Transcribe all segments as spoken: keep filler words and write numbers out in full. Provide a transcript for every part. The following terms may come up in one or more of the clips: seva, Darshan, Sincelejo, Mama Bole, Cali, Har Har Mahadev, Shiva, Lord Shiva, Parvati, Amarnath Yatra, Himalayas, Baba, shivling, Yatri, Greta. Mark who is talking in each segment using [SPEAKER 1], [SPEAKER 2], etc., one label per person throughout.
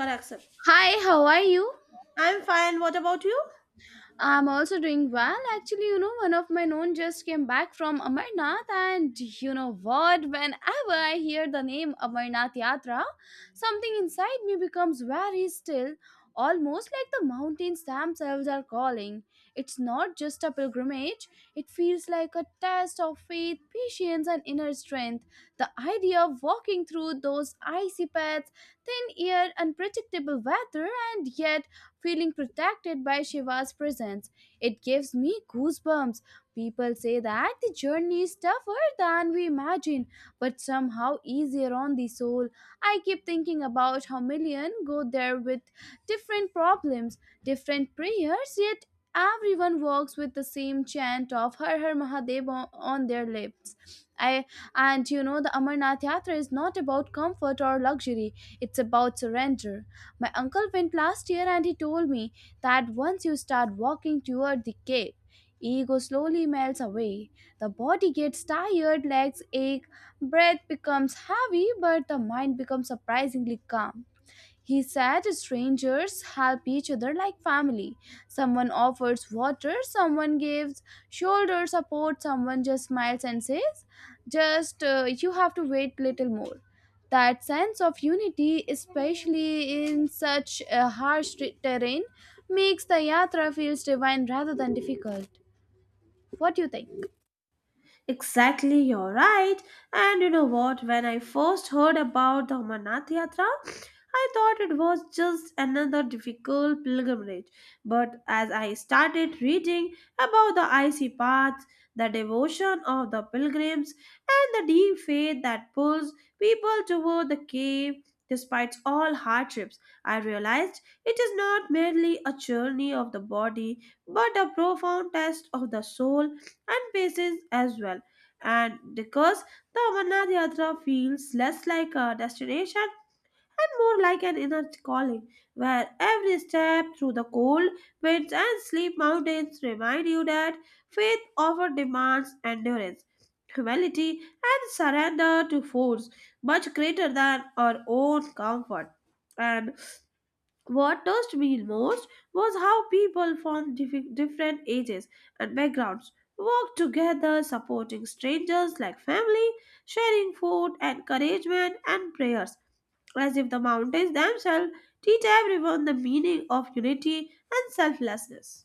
[SPEAKER 1] Or accept.
[SPEAKER 2] Hi, how are you?
[SPEAKER 1] I'm fine. What about you?
[SPEAKER 2] I'm also doing well. Actually, you know, one of my known just came back from Amarnath, and you know what? Whenever I hear the name Amarnath Yatra, something inside me becomes very still, almost like the mountains themselves are calling. It's not just a pilgrimage, it feels like a test of faith, patience, and inner strength. The idea of walking through those icy paths, thin air, unpredictable weather, and yet feeling protected by Shiva's presence. It gives me goosebumps. People say that the journey is tougher than we imagine, but somehow easier on the soul. I keep thinking about how million go there with different problems, different prayers, yet everyone walks with the same chant of Har Har Mahadev on on their lips. I And you know the Amarnath Yatra is not about comfort or luxury; it's about surrender. My uncle went last year and he told me that once you start walking toward the cave, ego slowly melts away. The body gets tired, legs ache, breath becomes heavy, but the mind becomes surprisingly calm. He said strangers help each other like family. Someone offers water, someone gives shoulder support, someone just smiles and says, just uh, you have to wait little more. That sense of unity, especially in such a harsh terrain, makes the yatra feels divine rather than difficult. What do you think?
[SPEAKER 1] Exactly, you're right. And you know what? When I first heard about the Amarnath Yatra, I thought it was just another difficult pilgrimage. But as I started reading about the icy paths, the devotion of the pilgrims, and the deep faith that pulls people toward the cave despite all hardships, I realized it is not merely a journey of the body but a profound test of the soul and patience as well. And because the Amarnath Yatra feels less like a destination and more like an inner calling, where every step through the cold winds and steep mountains remind you that faith often demands endurance, humility, and surrender to force much greater than our own comfort. And what touched me most was how people from dif- different ages and backgrounds worked together, supporting strangers like family, sharing food, encouragement, and prayers, as if the mountains themselves teach everyone the meaning of unity and selflessness.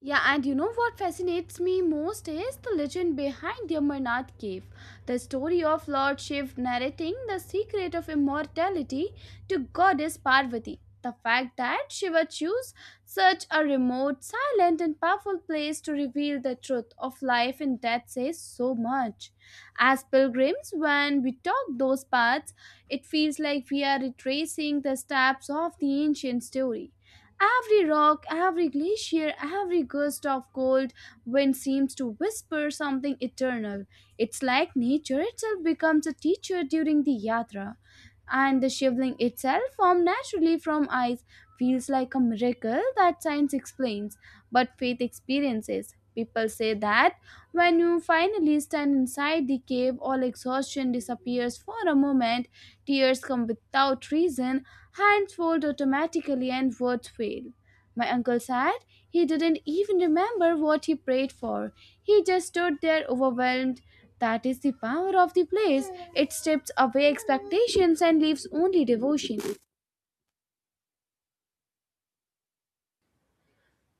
[SPEAKER 2] Yeah, and you know what fascinates me most is the legend behind the Amarnath cave. The story of Lord Shiv narrating the secret of immortality to goddess Parvati. The fact that Shiva chose such a remote, silent, and powerful place to reveal the truth of life and death says so much. As pilgrims, when we talk those paths, it feels like we are retracing the steps of the ancient story. Every rock, every glacier, every gust of cold wind seems to whisper something eternal. It's like nature itself becomes a teacher during the yatra, and the shivling itself formed naturally from ice feels like a miracle that science explains, but faith experiences. People say that when you finally stand inside the cave, all exhaustion disappears for a moment, tears come without reason, hands fold automatically, and words fail. My uncle said he didn't even remember what he prayed for. He just stood there overwhelmed. That is the power of the place. It strips away expectations and leaves only devotion.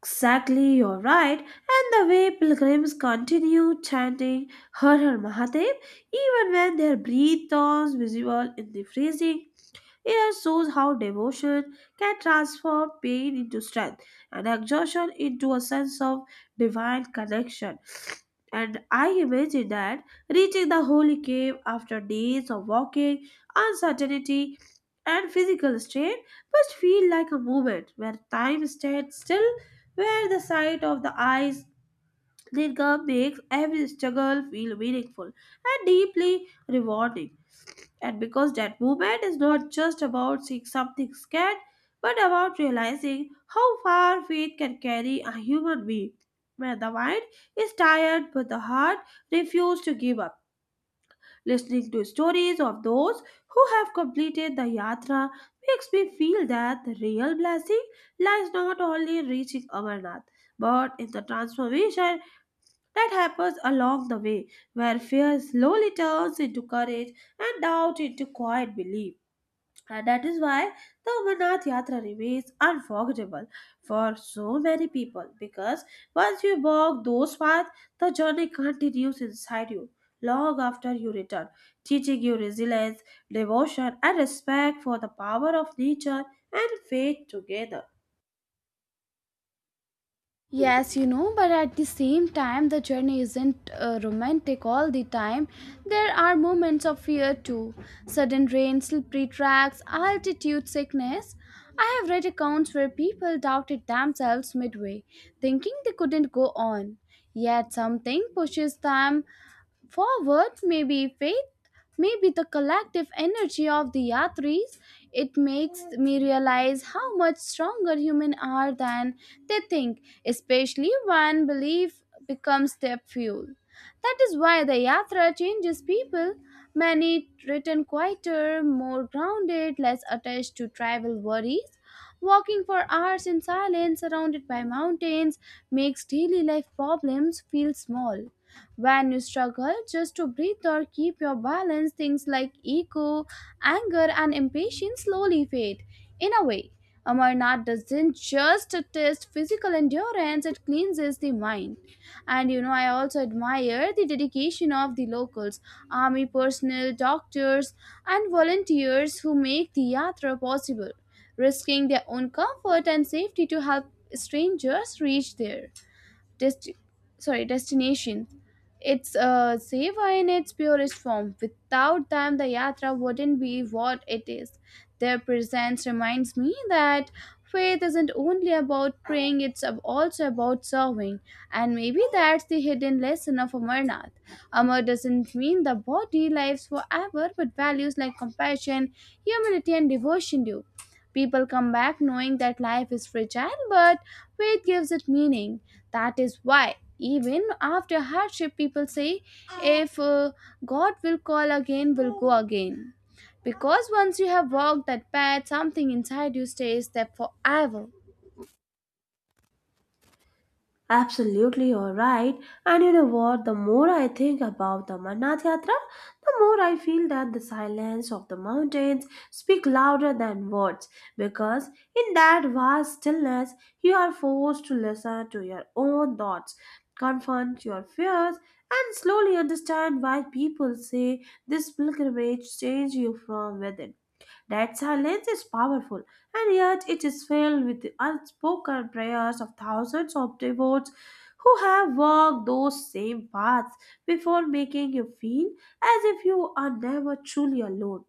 [SPEAKER 1] Exactly, you're right. And the way pilgrims continue chanting Har Har Mahadev even when their breath turns visible in the freezing, it shows how devotion can transform pain into strength and exhaustion into a sense of divine connection. And I imagine that reaching the holy cave after days of walking, uncertainty, and physical strain must feel like a moment where time stands still, where the sight of the eyes linger makes every struggle feel meaningful and deeply rewarding. And because that movement is not just about seeing something scared but about realizing how far faith can carry a human being when the mind is tired but the heart refuses to give up, listening to stories of those who have completed the yatra makes me feel that the real blessing lies not only in reaching Amarnath but in the transformation that happens along the way, where fear slowly turns into courage and doubt into quiet belief. And that is why the Amarnath Yatra remains unforgettable for so many people, because once you walk those paths, the journey continues inside you long after you return, teaching you resilience, devotion, and respect for the power of nature and faith together.
[SPEAKER 2] Yes, you know, but at the same time, the journey isn't uh, romantic all the time. There are moments of fear too. Sudden rain, slippery tracks, altitude sickness. I have read accounts where people doubted themselves midway, thinking they couldn't go on. Yet something pushes them forward, may be faith, maybe the collective energy of the Yatris. It makes me realize how much stronger human are than they think, especially when belief becomes their fuel. That is why the Yatra changes people. Many return quieter, more grounded, less attached to tribal worries. Walking for hours in silence surrounded by mountains makes daily life problems feel small. When you struggle just to breathe or keep your balance, things like ego, anger, and impatience slowly fade. In a way, Amarnath doesn't just test physical endurance, it cleanses the mind. And you know, I also admire the dedication of the locals, army personnel, doctors, and volunteers who make the yatra possible, risking their own comfort and safety to help strangers reach there. Dest, sorry destination. It's uh, seva in its purest form. Without them, the yatra wouldn't be what it is. Their presence reminds me that faith isn't only about praying; it's ab- also about serving. And maybe that's the hidden lesson of Amarnath. Amar doesn't mean the body lives forever, but values like compassion, humility, and devotion do. People come back knowing that life is fragile, but faith gives it meaning. That is why, even after hardship, people say, if uh, God will call again, will go again. Because once you have walked that path, something inside you stays there forever.
[SPEAKER 1] Absolutely, you're right. And you know what? The more I think about the Amarnath Yatra, the more I feel that the silence of the mountains speak louder than words. Because in that vast stillness, you are forced to listen to your own thoughts, confront your fears, and slowly understand why people say this pilgrimage changes you from within. That silence is powerful, and yet it is filled with the unspoken prayers of thousands of devotees who have walked those same paths before, making you feel as if you are never truly alone,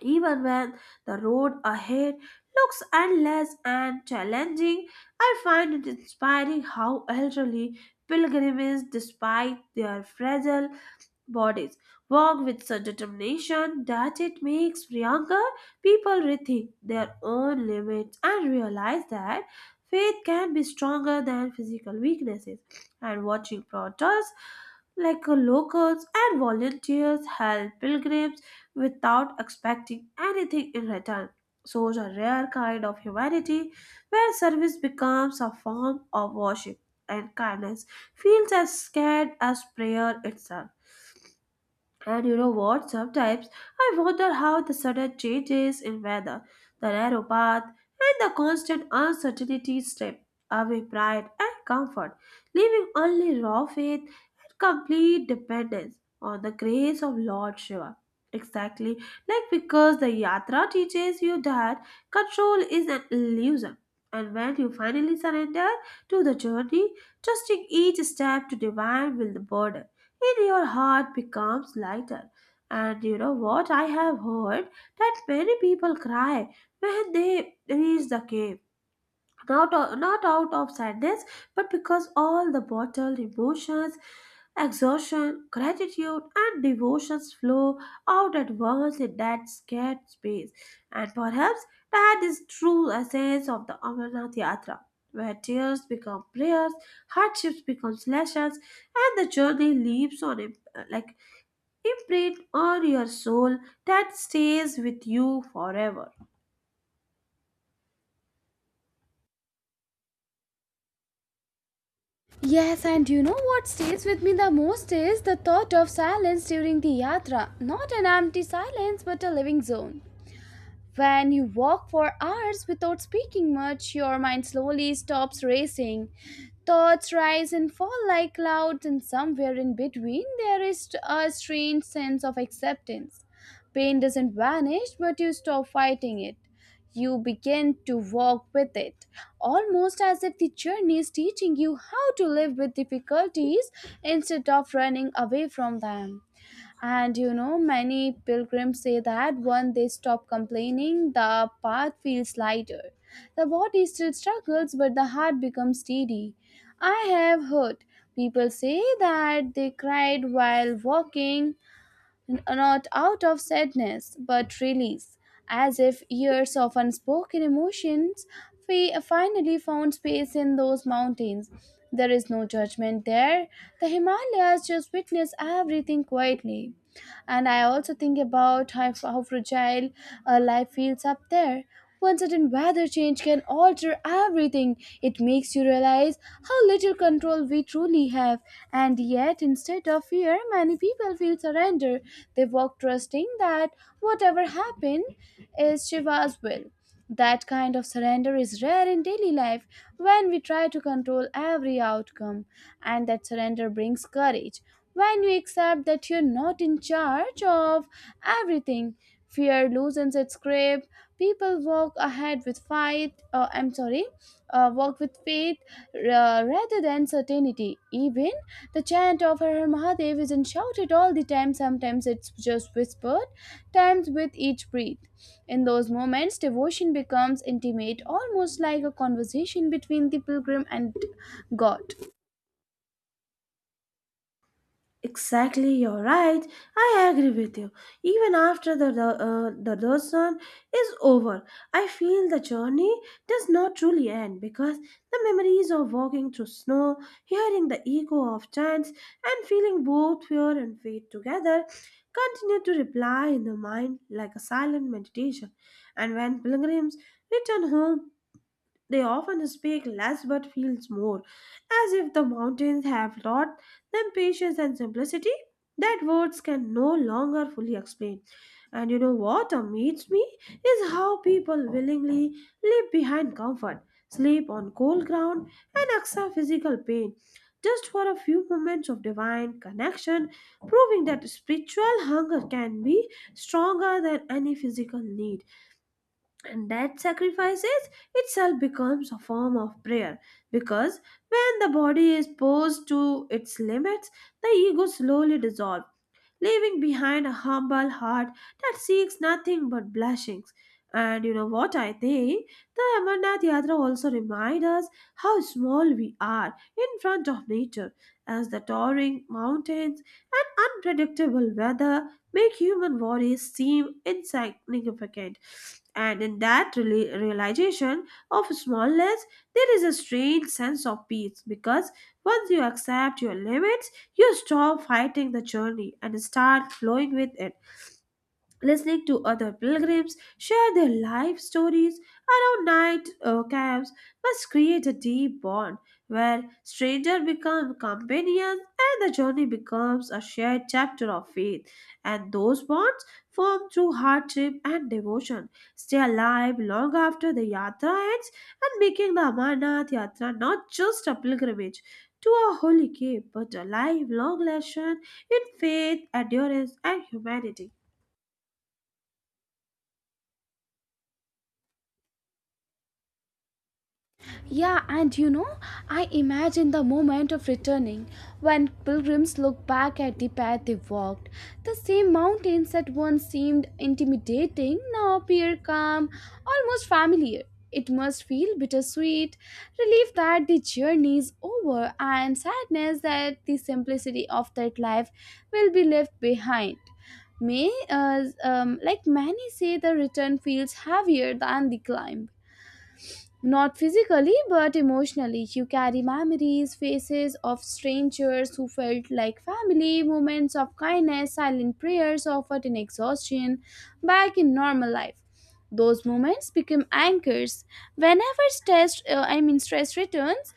[SPEAKER 1] even when the road ahead looks endless and challenging. I find it inspiring how elderly pilgrims, despite their fragile bodies, walk with such determination that it makes younger people rethink their own limits and realize that faith can be stronger than physical weaknesses. And watching protests like uh, locals and volunteers help pilgrims without expecting anything in return shows a rare kind of humanity where service becomes a form of worship and kindness feels as scared as prayer itself. And you know what? Sometimes I wonder how the sudden changes in weather, the narrow path, and the constant uncertainty strip away pride and comfort, leaving only raw faith and complete dependence on the grace of Lord Shiva. Exactly, like because the Yatra teaches you that control is an illusion, and when you finally surrender to the journey, trusting each step to divine will, the burden in your heart becomes lighter. And you know what? I have heard that many people cry when they reach the cave, not, o- not out of sadness, but because all the bottled emotions, exhaustion, gratitude, and devotions flow out at once in that scared space. And perhaps that is true essence of the Amarnath Yatra, where tears become prayers, hardships become lessons, and the journey leaves on imp- like imprint on your soul that stays with you forever.
[SPEAKER 2] Yes, and you know what stays with me the most is the thought of silence during the yatra. Not an empty silence, but a living zone. When you walk for hours without speaking much, your mind slowly stops racing. Thoughts rise and fall like clouds, and somewhere in between, there is a strange sense of acceptance. Pain doesn't vanish, but you stop fighting it. You begin to walk with it, almost as if the journey is teaching you how to live with difficulties instead of running away from them. And you know, many pilgrims say that when they stop complaining, the path feels lighter. The body still struggles, but the heart becomes steady. I have heard people say that they cried while walking, n- not out of sadness, but release, as if years of unspoken emotions fi- finally found space in those mountains. There is no judgment there. The Himalayas just witness everything quietly. And I also think about how, how fragile uh, life feels up there. One sudden weather change can alter everything. It makes you realize how little control we truly have. And yet, instead of fear, many people feel surrender. They walk trusting that whatever happened is Shiva's will. That kind of surrender is rare in daily life when we try to control every outcome, and that surrender brings courage. When you accept that you're not in charge of everything, fear loosens its grip. People walk ahead with fight. Uh, I'm sorry uh, Walk with faith uh, rather than certainty. Even the chant of Har Har Mahadev isn't shouted all the time, sometimes it's just whispered, times with each breath. In those moments, devotion becomes intimate, almost like a conversation between the pilgrim and God.
[SPEAKER 1] Exactly, you're right. I agree with you. Even after the uh, the lesson is over, I feel the journey does not truly end because the memories of walking through snow, hearing the echo of chants, and feeling both fear and faith together continue to reply in the mind like a silent meditation. And when pilgrims return home, they often speak less but feels more, as if the mountains have taught them patience and simplicity that words can no longer fully explain. And you know what amazes me is how people willingly leave behind comfort, sleep on cold ground, and accept physical pain just for a few moments of divine connection, proving that spiritual hunger can be stronger than any physical need and that sacrifices itself becomes a form of prayer because when the body is pushed to its limits the ego slowly dissolves, leaving behind a humble heart that seeks nothing but blessings. And you know what I think? The Amarnath Yatra also reminds us how small we are in front of nature, as the towering mountains and unpredictable weather make human worries seem insignificant. And in that rela- realization of smallness, there is a strange sense of peace because once you accept your limits, you stop fighting the journey and start flowing with it. Listening to other pilgrims share their life stories around night uh, camps must create a deep bond where strangers become companions and the journey becomes a shared chapter of faith, and those bonds formed through hardship and devotion stay alive long after the yatra ends, and making the Amarnath Yatra not just a pilgrimage to a holy cave but a lifelong lesson in faith, endurance, and humanity.
[SPEAKER 2] Yeah, and you know, I imagine the moment of returning when pilgrims look back at the path they walked. The same mountains that once seemed intimidating now appear calm, almost familiar. It must feel bittersweet, relief that the journey is over, and sadness that the simplicity of that life will be left behind. May, uh, um, like many say, the return feels heavier than the climb. Not physically, but emotionally. You carry memories, faces of strangers who felt like family, moments of kindness, silent prayers offered in exhaustion, back in normal life. Those moments become anchors. Whenever stress, uh, I mean stress returns,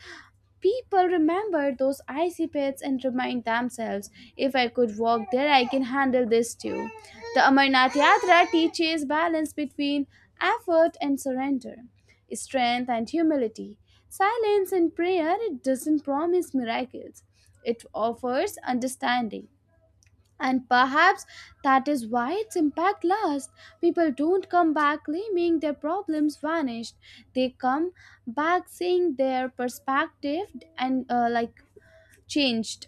[SPEAKER 2] people remember those icy pits and remind themselves, if I could walk there, I can handle this too. The Amarnath Yatra teaches balance between effort and surrender, strength and humility, silence and prayer. It doesn't promise miracles, it offers understanding. And perhaps that is why its impact lasts. People don't come back claiming their problems vanished. They come back seeing their perspective and uh, like changed,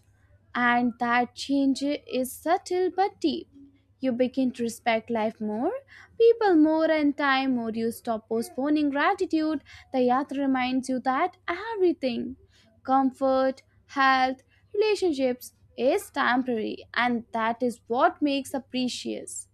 [SPEAKER 2] and that change is subtle but deep. You begin to respect life more, people more, and time more. You stop postponing gratitude. The yatra reminds you that everything comfort, health, relationships is temporary, and that is what makes us precious.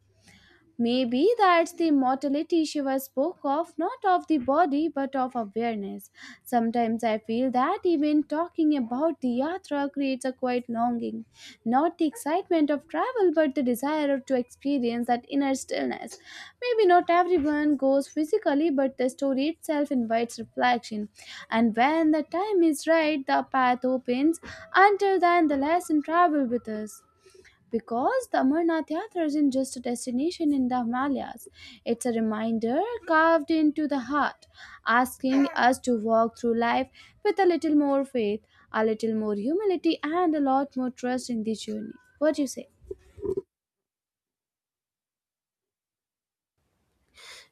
[SPEAKER 2] Maybe that's the mortality Shiva spoke of, not of the body but of awareness. Sometimes I feel that even talking about the yatra creates a quiet longing, not the excitement of travel but the desire to experience that inner stillness. Maybe not everyone goes physically, but the story itself invites reflection. And when the time is right, the path opens. Until then, the lesson travel with us. Because the Amarnath Yatra isn't just a destination in the Himalayas, it's a reminder carved into the heart, asking us to walk through life with a little more faith, a little more humility, and a lot more trust in the journey. What do you say?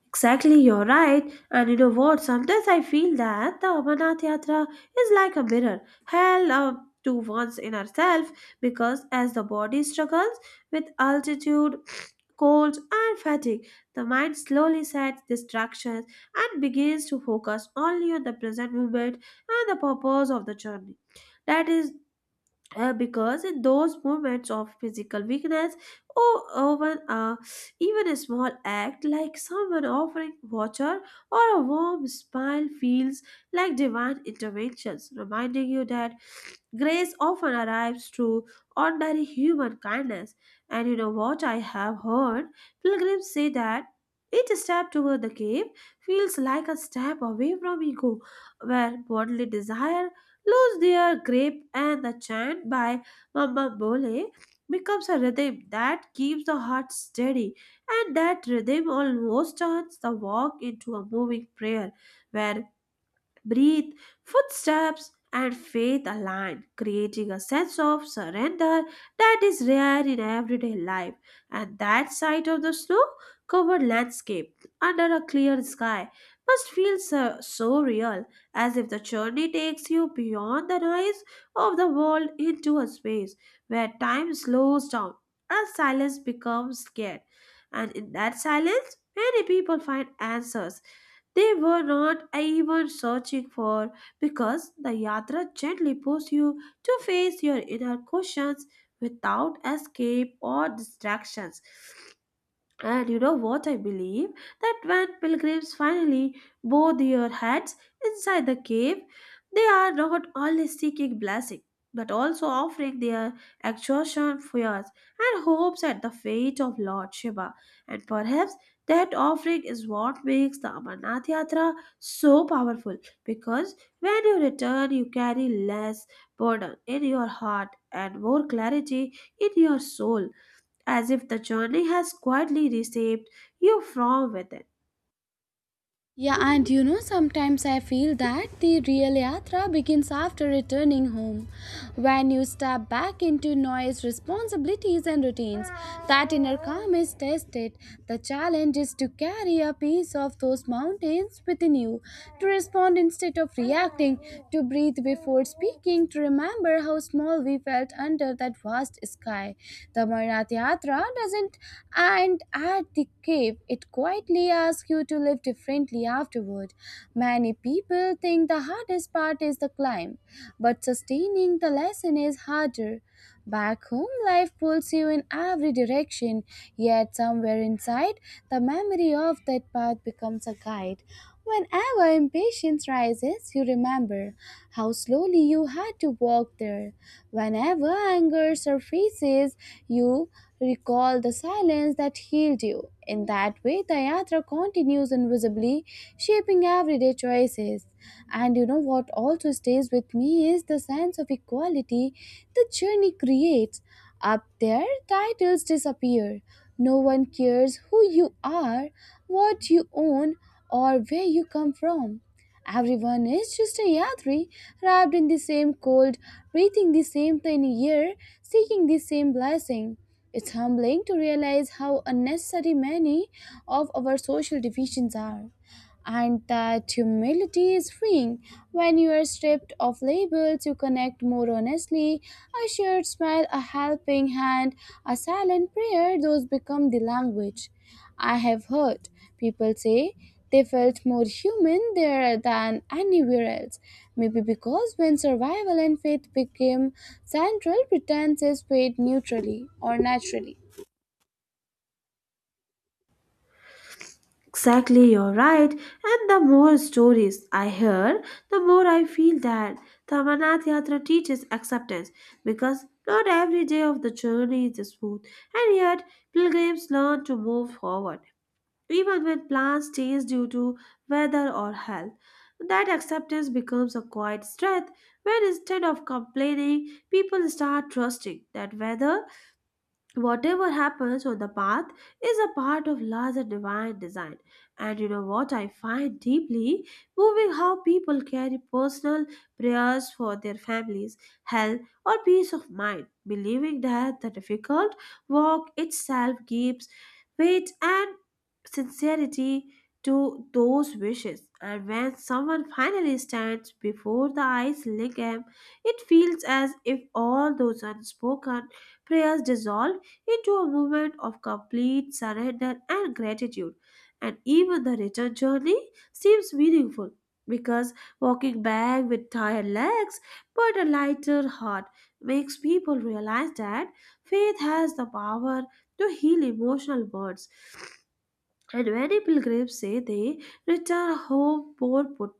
[SPEAKER 1] Exactly, you're right. And you know what? Sometimes I feel that the Amarnath Yatra is like a mirror, held up to one's inner self, because as the body struggles with altitude, cold, and fatigue, the mind slowly sets distractions and begins to focus only on the present moment and the purpose of the journey. That is uh, because in those moments of physical weakness or even, uh, even a small act like someone offering water or a warm smile feels like divine interventions, reminding you that grace often arrives through ordinary human kindness. And you know what I have heard? Pilgrims say that each step toward the cave feels like a step away from ego, where bodily desire lose their grip and the chant by Mama Bole becomes a rhythm that keeps the heart steady, and that rhythm almost turns the walk into a moving prayer where breathe, footsteps, and faith align, creating a sense of surrender that is rare in everyday life. And that sight of the snow covered landscape under a clear sky must feel so, so real, as if the journey takes you beyond the noise of the world into a space where time slows down and silence becomes scared. And in that silence, many people find answers they were not even searching for because the yatra gently pushes you to face your inner questions without escape or distractions. And you know what I believe? That when pilgrims finally bow their heads inside the cave, they are not only seeking blessing, but also offering their exhaustion, fears, and hopes at the feet of Lord Shiva. And perhaps that offering is what makes the Amarnath Yatra so powerful, because when you return, you carry less burden in your heart and more clarity in your soul, as if the journey has quietly reshaped you from within.
[SPEAKER 2] Yeah, and you know, sometimes I feel that the real yatra begins after returning home, when you step back into noise, responsibilities, and routines. That inner calm is tested. The challenge is to carry a piece of those mountains within you, to respond instead of reacting, to breathe before speaking, to remember how small we felt under that vast sky. The Maranatha Yatra doesn't moment, and at the cave, it quietly asks you to live differently afterward. Many people think the hardest part is the climb, but sustaining the lesson is harder. Back home, life pulls you in every direction, yet, somewhere inside, the memory of that path becomes a guide. Whenever impatience rises, you remember how slowly you had to walk there. Whenever anger surfaces, you recall the silence that healed you. In that way, the yatra continues invisibly, shaping everyday choices. And you know what also stays with me is the sense of equality the journey creates. Up there, titles disappear. No one cares who you are, what you own, or where you come from. Everyone is just a Yadri, wrapped in the same cold, breathing the same tiny air, seeking the same blessing. It's humbling to realize how unnecessary many of our social divisions are and that humility is freeing. When you are stripped of labels, you connect more honestly. A shared smile, a helping hand, a silent prayer, those become the language. I have heard people say they felt more human there than anywhere else. Maybe because when survival and faith became central, pretenses fade neutrally or naturally.
[SPEAKER 1] Exactly, you're right. And the more stories I hear, the more I feel that the Amarnath Yatra teaches acceptance because not every day of the journey is smooth, and yet pilgrims learn to move forward, even when plans change due to weather or health. That acceptance becomes a quiet strength where instead of complaining, people start trusting that weather whatever happens on the path is a part of larger divine design. And you know what I find deeply moving, how people carry personal prayers for their families, health, or peace of mind, believing that the difficult work itself gives weight and sincerity to those wishes, and when someone finally stands before the eyes lingam it feels as if all those unspoken prayers dissolve into a moment of complete surrender and gratitude. And even the return journey seems meaningful because walking back with tired legs but a lighter heart makes people realize that faith has the power to heal emotional bonds, and many pilgrims say they return home more po-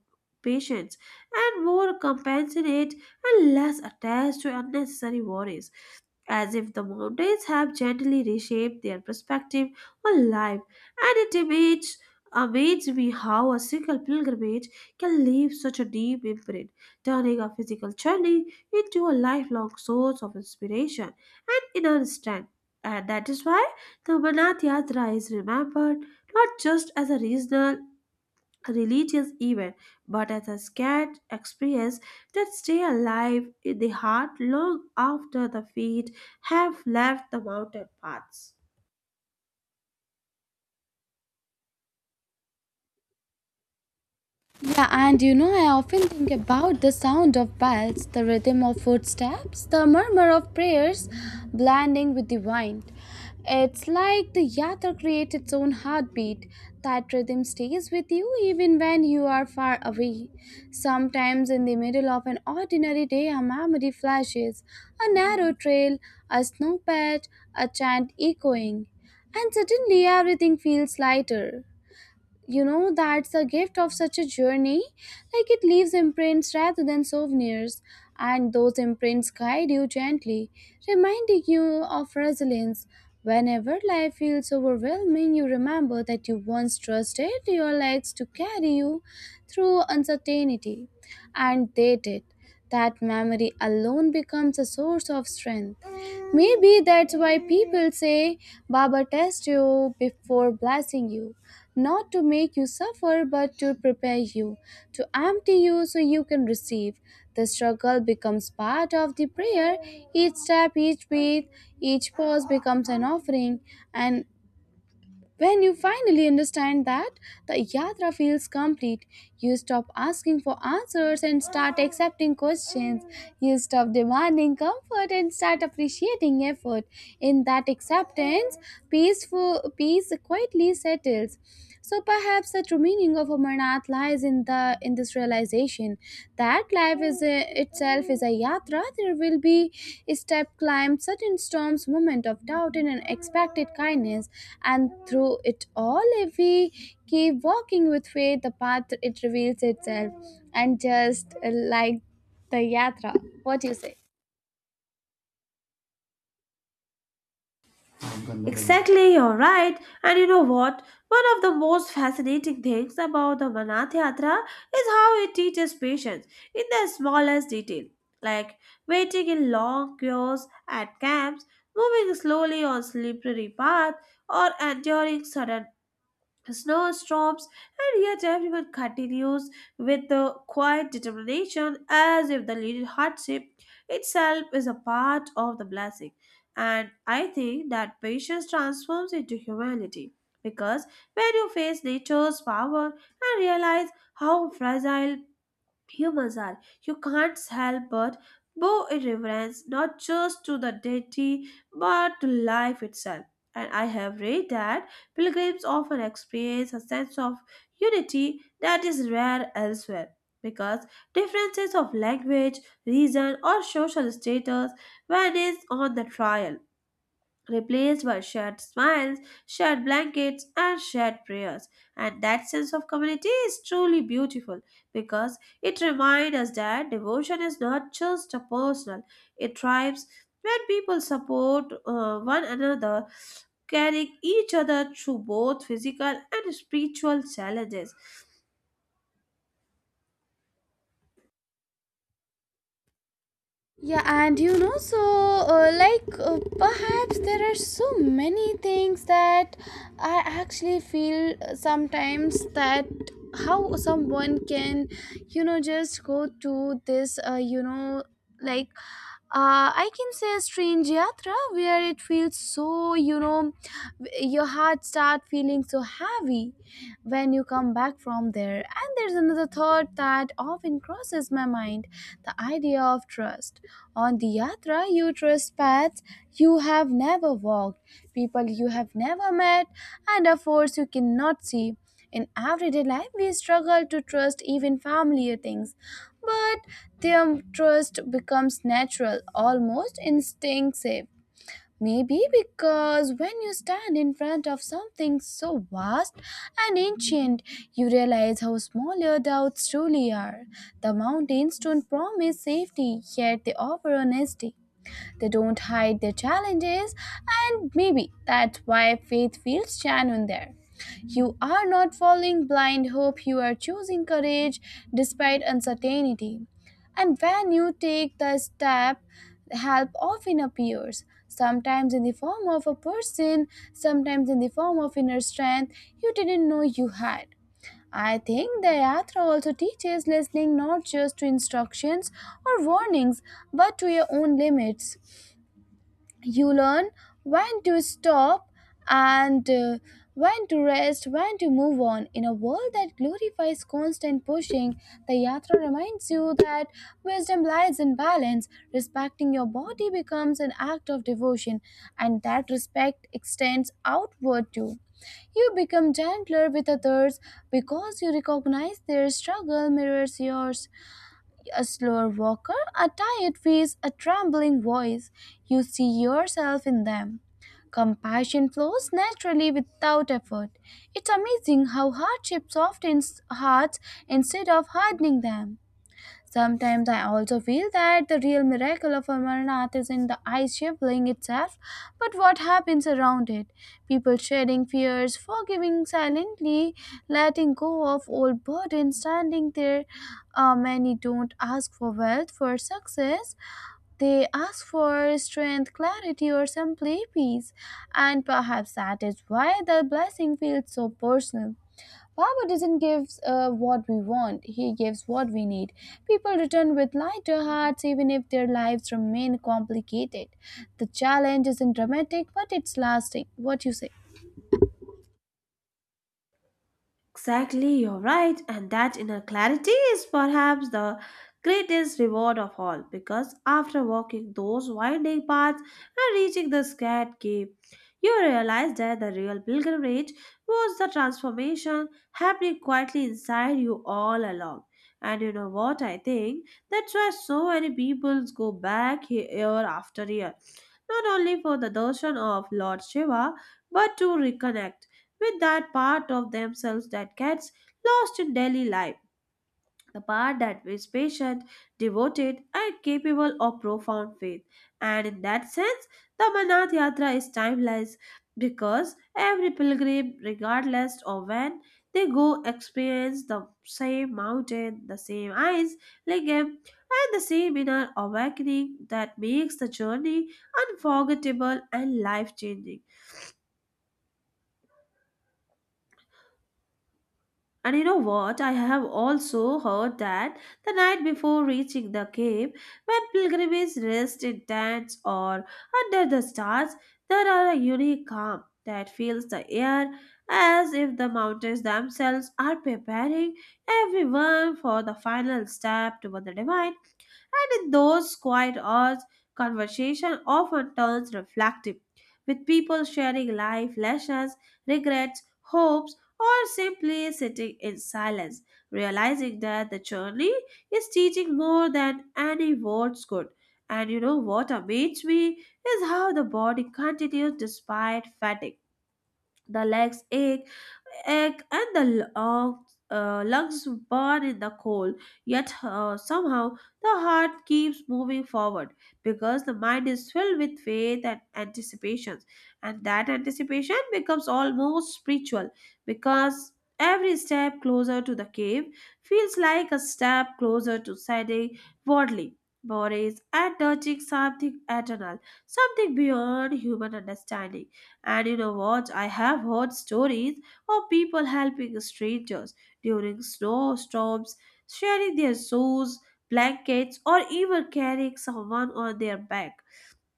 [SPEAKER 1] patient and more compassionate and less attached to unnecessary worries, as if the mountains have gently reshaped their perspective on life. And it amazes, amazes me how a single pilgrimage can leave such a deep imprint, turning a physical journey into a lifelong source of inspiration and inner strength. And that is why the Manat Yatra is remembered not just as a regional religious event, but as a scared experience that stay alive in the heart long after the feet have left the mountain paths.
[SPEAKER 2] Yeah, and you know, I often think about the sound of bells, the rhythm of footsteps, the murmur of prayers blending with the wind. It's like the yatra creates its own heartbeat. That rhythm stays with you even when you are far away. Sometimes, in the middle of an ordinary day, a memory flashes a narrow trail, a snowpatch, a chant echoing, and suddenly everything feels lighter. You know, that's the gift of such a journey, like it leaves imprints rather than souvenirs, and those imprints guide you gently, reminding you of resilience. Whenever life feels overwhelming, you remember that you once trusted your legs to carry you through uncertainty, and they did. That memory alone becomes a source of strength. Maybe that's why people say Baba test you before blessing you, not to make you suffer, but to prepare you, to empty you so you can receive. The struggle becomes part of the prayer. Each step, each breath, each pause becomes an offering. And when you finally understand that, the yatra feels complete. You stop asking for answers and start accepting questions. You stop demanding comfort and start appreciating effort. In that acceptance, peaceful peace quietly settles. So perhaps the true meaning of Amarnath lies in the in this realization that life is a, itself is a yatra. There will be step climb, sudden storms, moment of doubt, and unexpected kindness. And through it all, if we keep walking with faith, the path it reveals itself, and just uh, like the yatra. What do you say?
[SPEAKER 1] Exactly, you're right. And you know what? One of the most fascinating things about the Vanath Yatra is how it teaches patience in the smallest detail, like waiting in long queues at camps, moving slowly on slippery path, or enduring sudden snowstorms, and yet everyone continues with the quiet determination as if the little hardship itself is a part of the blessing. And I think that patience transforms into humility because when you face nature's power and realize how fragile humans are. You can't help but bow in reverence not just to the deity but to life itself. And I have read that pilgrims often experience a sense of unity that is rare elsewhere because differences of language, reason, or social status vanish on the trial replaced by shared smiles, shared blankets, and shared prayers. And that sense of community is truly beautiful because it reminds us that devotion is not just a personal, it thrives when people support uh, one another, carrying each other through both physical and spiritual challenges.
[SPEAKER 2] Yeah, and you know, so uh, like uh, perhaps there are so many things that I actually feel uh, sometimes that how someone can, you know, just go to this, uh, you know, like uh, I can say a strange yatra where it feels so, you know, your heart start feeling so heavy when you come back from there. And there's another thought that often crosses my mind, the idea of trust. On the yatra, you trust paths you have never walked, people you have never met, and a force you cannot see. In everyday life, we struggle to trust even familiar things, but their trust becomes natural, almost instinctive. Maybe because when you stand in front of something so vast and ancient, you realize how small your doubts truly are. The mountains don't promise safety, yet they offer honesty. They don't hide their challenges, and maybe that's why faith feels genuine there. You are not following blind hope, you are choosing courage despite uncertainty. And when you take the step, help often appears, sometimes in the form of a person, sometimes in the form of inner strength you didn't know you had. I think the Yatra also teaches listening, not just to instructions or warnings but to your own limits. You learn when to stop and uh, when to rest, when to move on. In a world that glorifies constant pushing, the yatra reminds you that wisdom lies in balance. Respecting your body becomes an act of devotion, and that respect extends outward too. You become gentler with others because you recognize their struggle mirrors yours, a slower walker, a tired face, a trembling voice. You see yourself in them. Compassion flows naturally without effort. It's amazing how hardship softens hearts instead of hardening them. Sometimes I also feel that the real miracle of Amarnath is in the ice shaping itself, but what happens around it? People shedding fears, forgiving silently, letting go of old burdens, standing there. Uh, many don't ask for wealth, for success. They ask for strength, clarity, or simply peace. And perhaps that is why the blessing feels so personal. Baba doesn't give uh, what we want, he gives what we need. People return with lighter hearts even if their lives remain complicated. The challenge isn't dramatic, but it's lasting. What you say?
[SPEAKER 1] Exactly, you're right, and that inner clarity is perhaps the greatest reward of all because after walking those winding paths and reaching the scared cave, you realize that the real pilgrimage was the transformation happening quietly inside you all along. And you know what I think? That's why so many people go back he- year after year, not only for the darshan of Lord Shiva, but to reconnect with that part of themselves that gets lost in daily life. The part that is patient, devoted, and capable of profound faith. And in that sense, the Amarnath Yatra is timeless because every pilgrim, regardless of when they go, experience the same mountain, the same eyes, lingam, and the same inner awakening that makes the journey unforgettable and life changing. And you know what? I have also heard that the night before reaching the cave, when pilgrims rest in tents or under the stars, there are a unique calm that fills the air as if the mountains themselves are preparing everyone for the final step toward the divine. And in those quiet hours, conversation often turns reflective, with people sharing life lessons, regrets, hopes, or simply sitting in silence, realizing that the journey is teaching more than any words could. And you know what amazes me is how the body continues despite fatigue the legs ache, ache and the uh, uh, lungs burn in the cold. Yet uh, somehow the heart keeps moving forward because the mind is filled with faith and anticipations, and that anticipation becomes almost spiritual because. Every step closer to the cave feels like a step closer to siding worldly worries and touching something eternal, something beyond human understanding. And you know what? I have heard stories of people helping strangers during snowstorms, sharing their shoes, blankets, or even carrying someone on their back.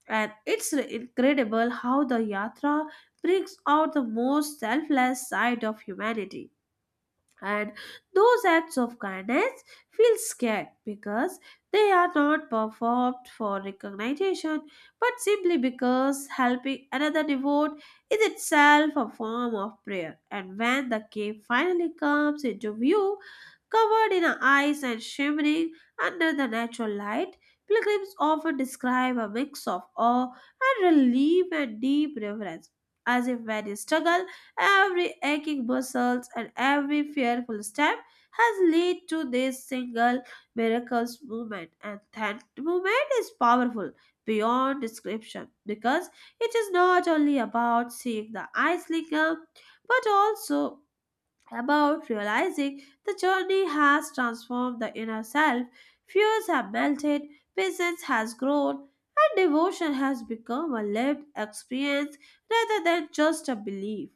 [SPEAKER 1] And it's incredible how the yatra brings out the most selfless side of humanity, and those acts of kindness feel scared because they are not performed for recognition but simply because helping another devote is itself a form of prayer. And when the cave finally comes into view, covered in ice and shimmering under the natural light, pilgrims often describe a mix of awe and relief and deep reverence, as if when you struggle every aching muscle and every fearful step has led to this single miracles movement, and that movement is powerful beyond description because it is not only about seeing the ice lingam, but also about realizing the journey has transformed the inner self. Fears have melted, patience has grown, and devotion has become a lived experience rather than just a belief.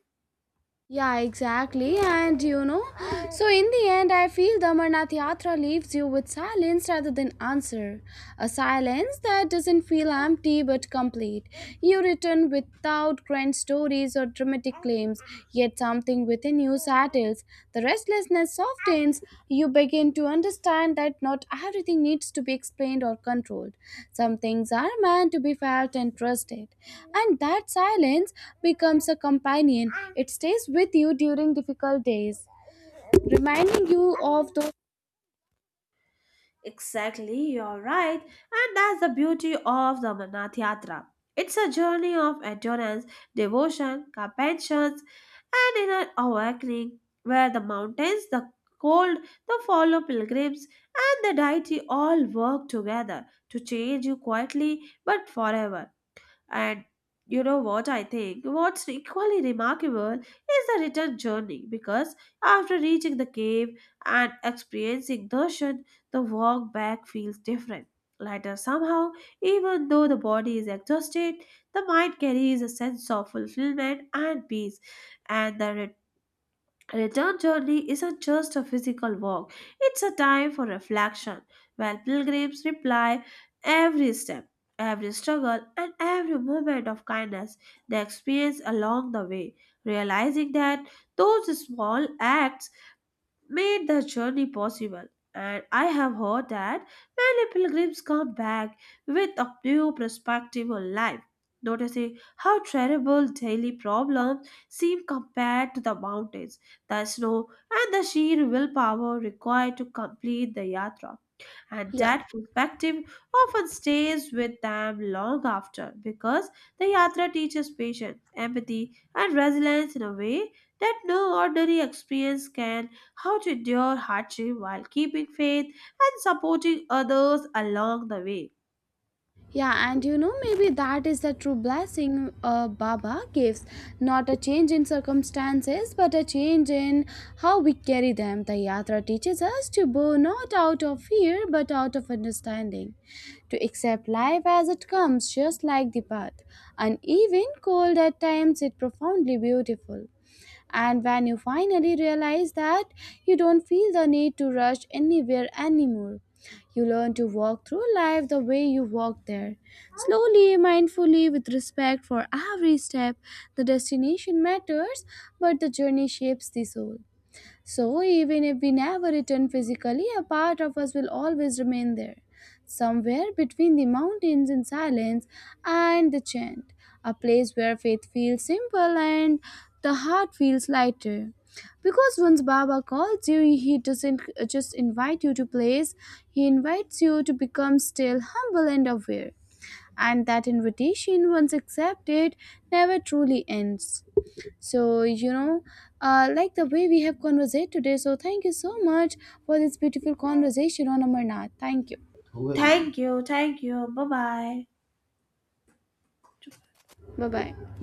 [SPEAKER 2] Yeah, exactly. And you know, so in the end, I feel the Amarnath Yatra leaves you with silence rather than answer. A silence that doesn't feel empty but complete. You return without grand stories or dramatic claims, yet something within you new saddles, the restlessness softens, you begin to understand that not everything needs to be explained or controlled. Some things are meant to be felt and trusted. And that silence becomes a companion. It stays with you during difficult days, reminding you of those.
[SPEAKER 1] Exactly, you're right. And that's the beauty of the Amarnath Yatra. It's a journey of endurance, devotion, compassion, and inner awakening, where the mountains, the cold, the follow pilgrims, and the deity all work together to change you quietly but forever. And you know what I think? What's equally remarkable is the return journey because after reaching the cave and experiencing Darshan, the walk back feels different. Later, somehow, even though the body is exhausted, the mind carries a sense of fulfillment and peace, and the return journey isn't just a physical walk, it's a time for reflection, while pilgrims reply every step, every struggle, and every moment of kindness they experience along the way, realizing that those small acts made the journey possible. And I have heard that many pilgrims come back with a new perspective on life, noticing how terrible daily problems seem compared to the mountains, the snow, and the sheer willpower required to complete the yatra. And
[SPEAKER 2] Yeah.
[SPEAKER 1] that perspective often stays with them long after because the yatra teaches patience, empathy, and resilience in a way that no ordinary experience can, how to endure hardship while keeping faith and supporting others along the way.
[SPEAKER 2] Yeah, and you know, maybe that is the true blessing uh, Baba gives. Not a change in circumstances, but a change in how we carry them. The Yatra teaches us to bow not out of fear, but out of understanding, to accept life as it comes, just like the path. Uneven, cold at times, yet profoundly beautiful. And when you finally realize that, you don't feel the need to rush anywhere anymore. You learn to walk through life the way you walk there, slowly, mindfully, with respect for every step. The destination matters, but the journey shapes the soul. So, even if we never return physically, a part of us will always remain there, somewhere between the mountains in silence and the chant, a place where faith feels simple and the heart feels lighter. Because once Baba calls you, he doesn't uh, just invite you to place, he invites you to become still humble and aware. And that invitation, once accepted, never truly ends. So, you know, uh, like the way we have conversed today. So, thank you so much for this beautiful conversation on Amarnath. Thank you.
[SPEAKER 1] Well, Thank you, thank you, bye bye.
[SPEAKER 2] Bye bye.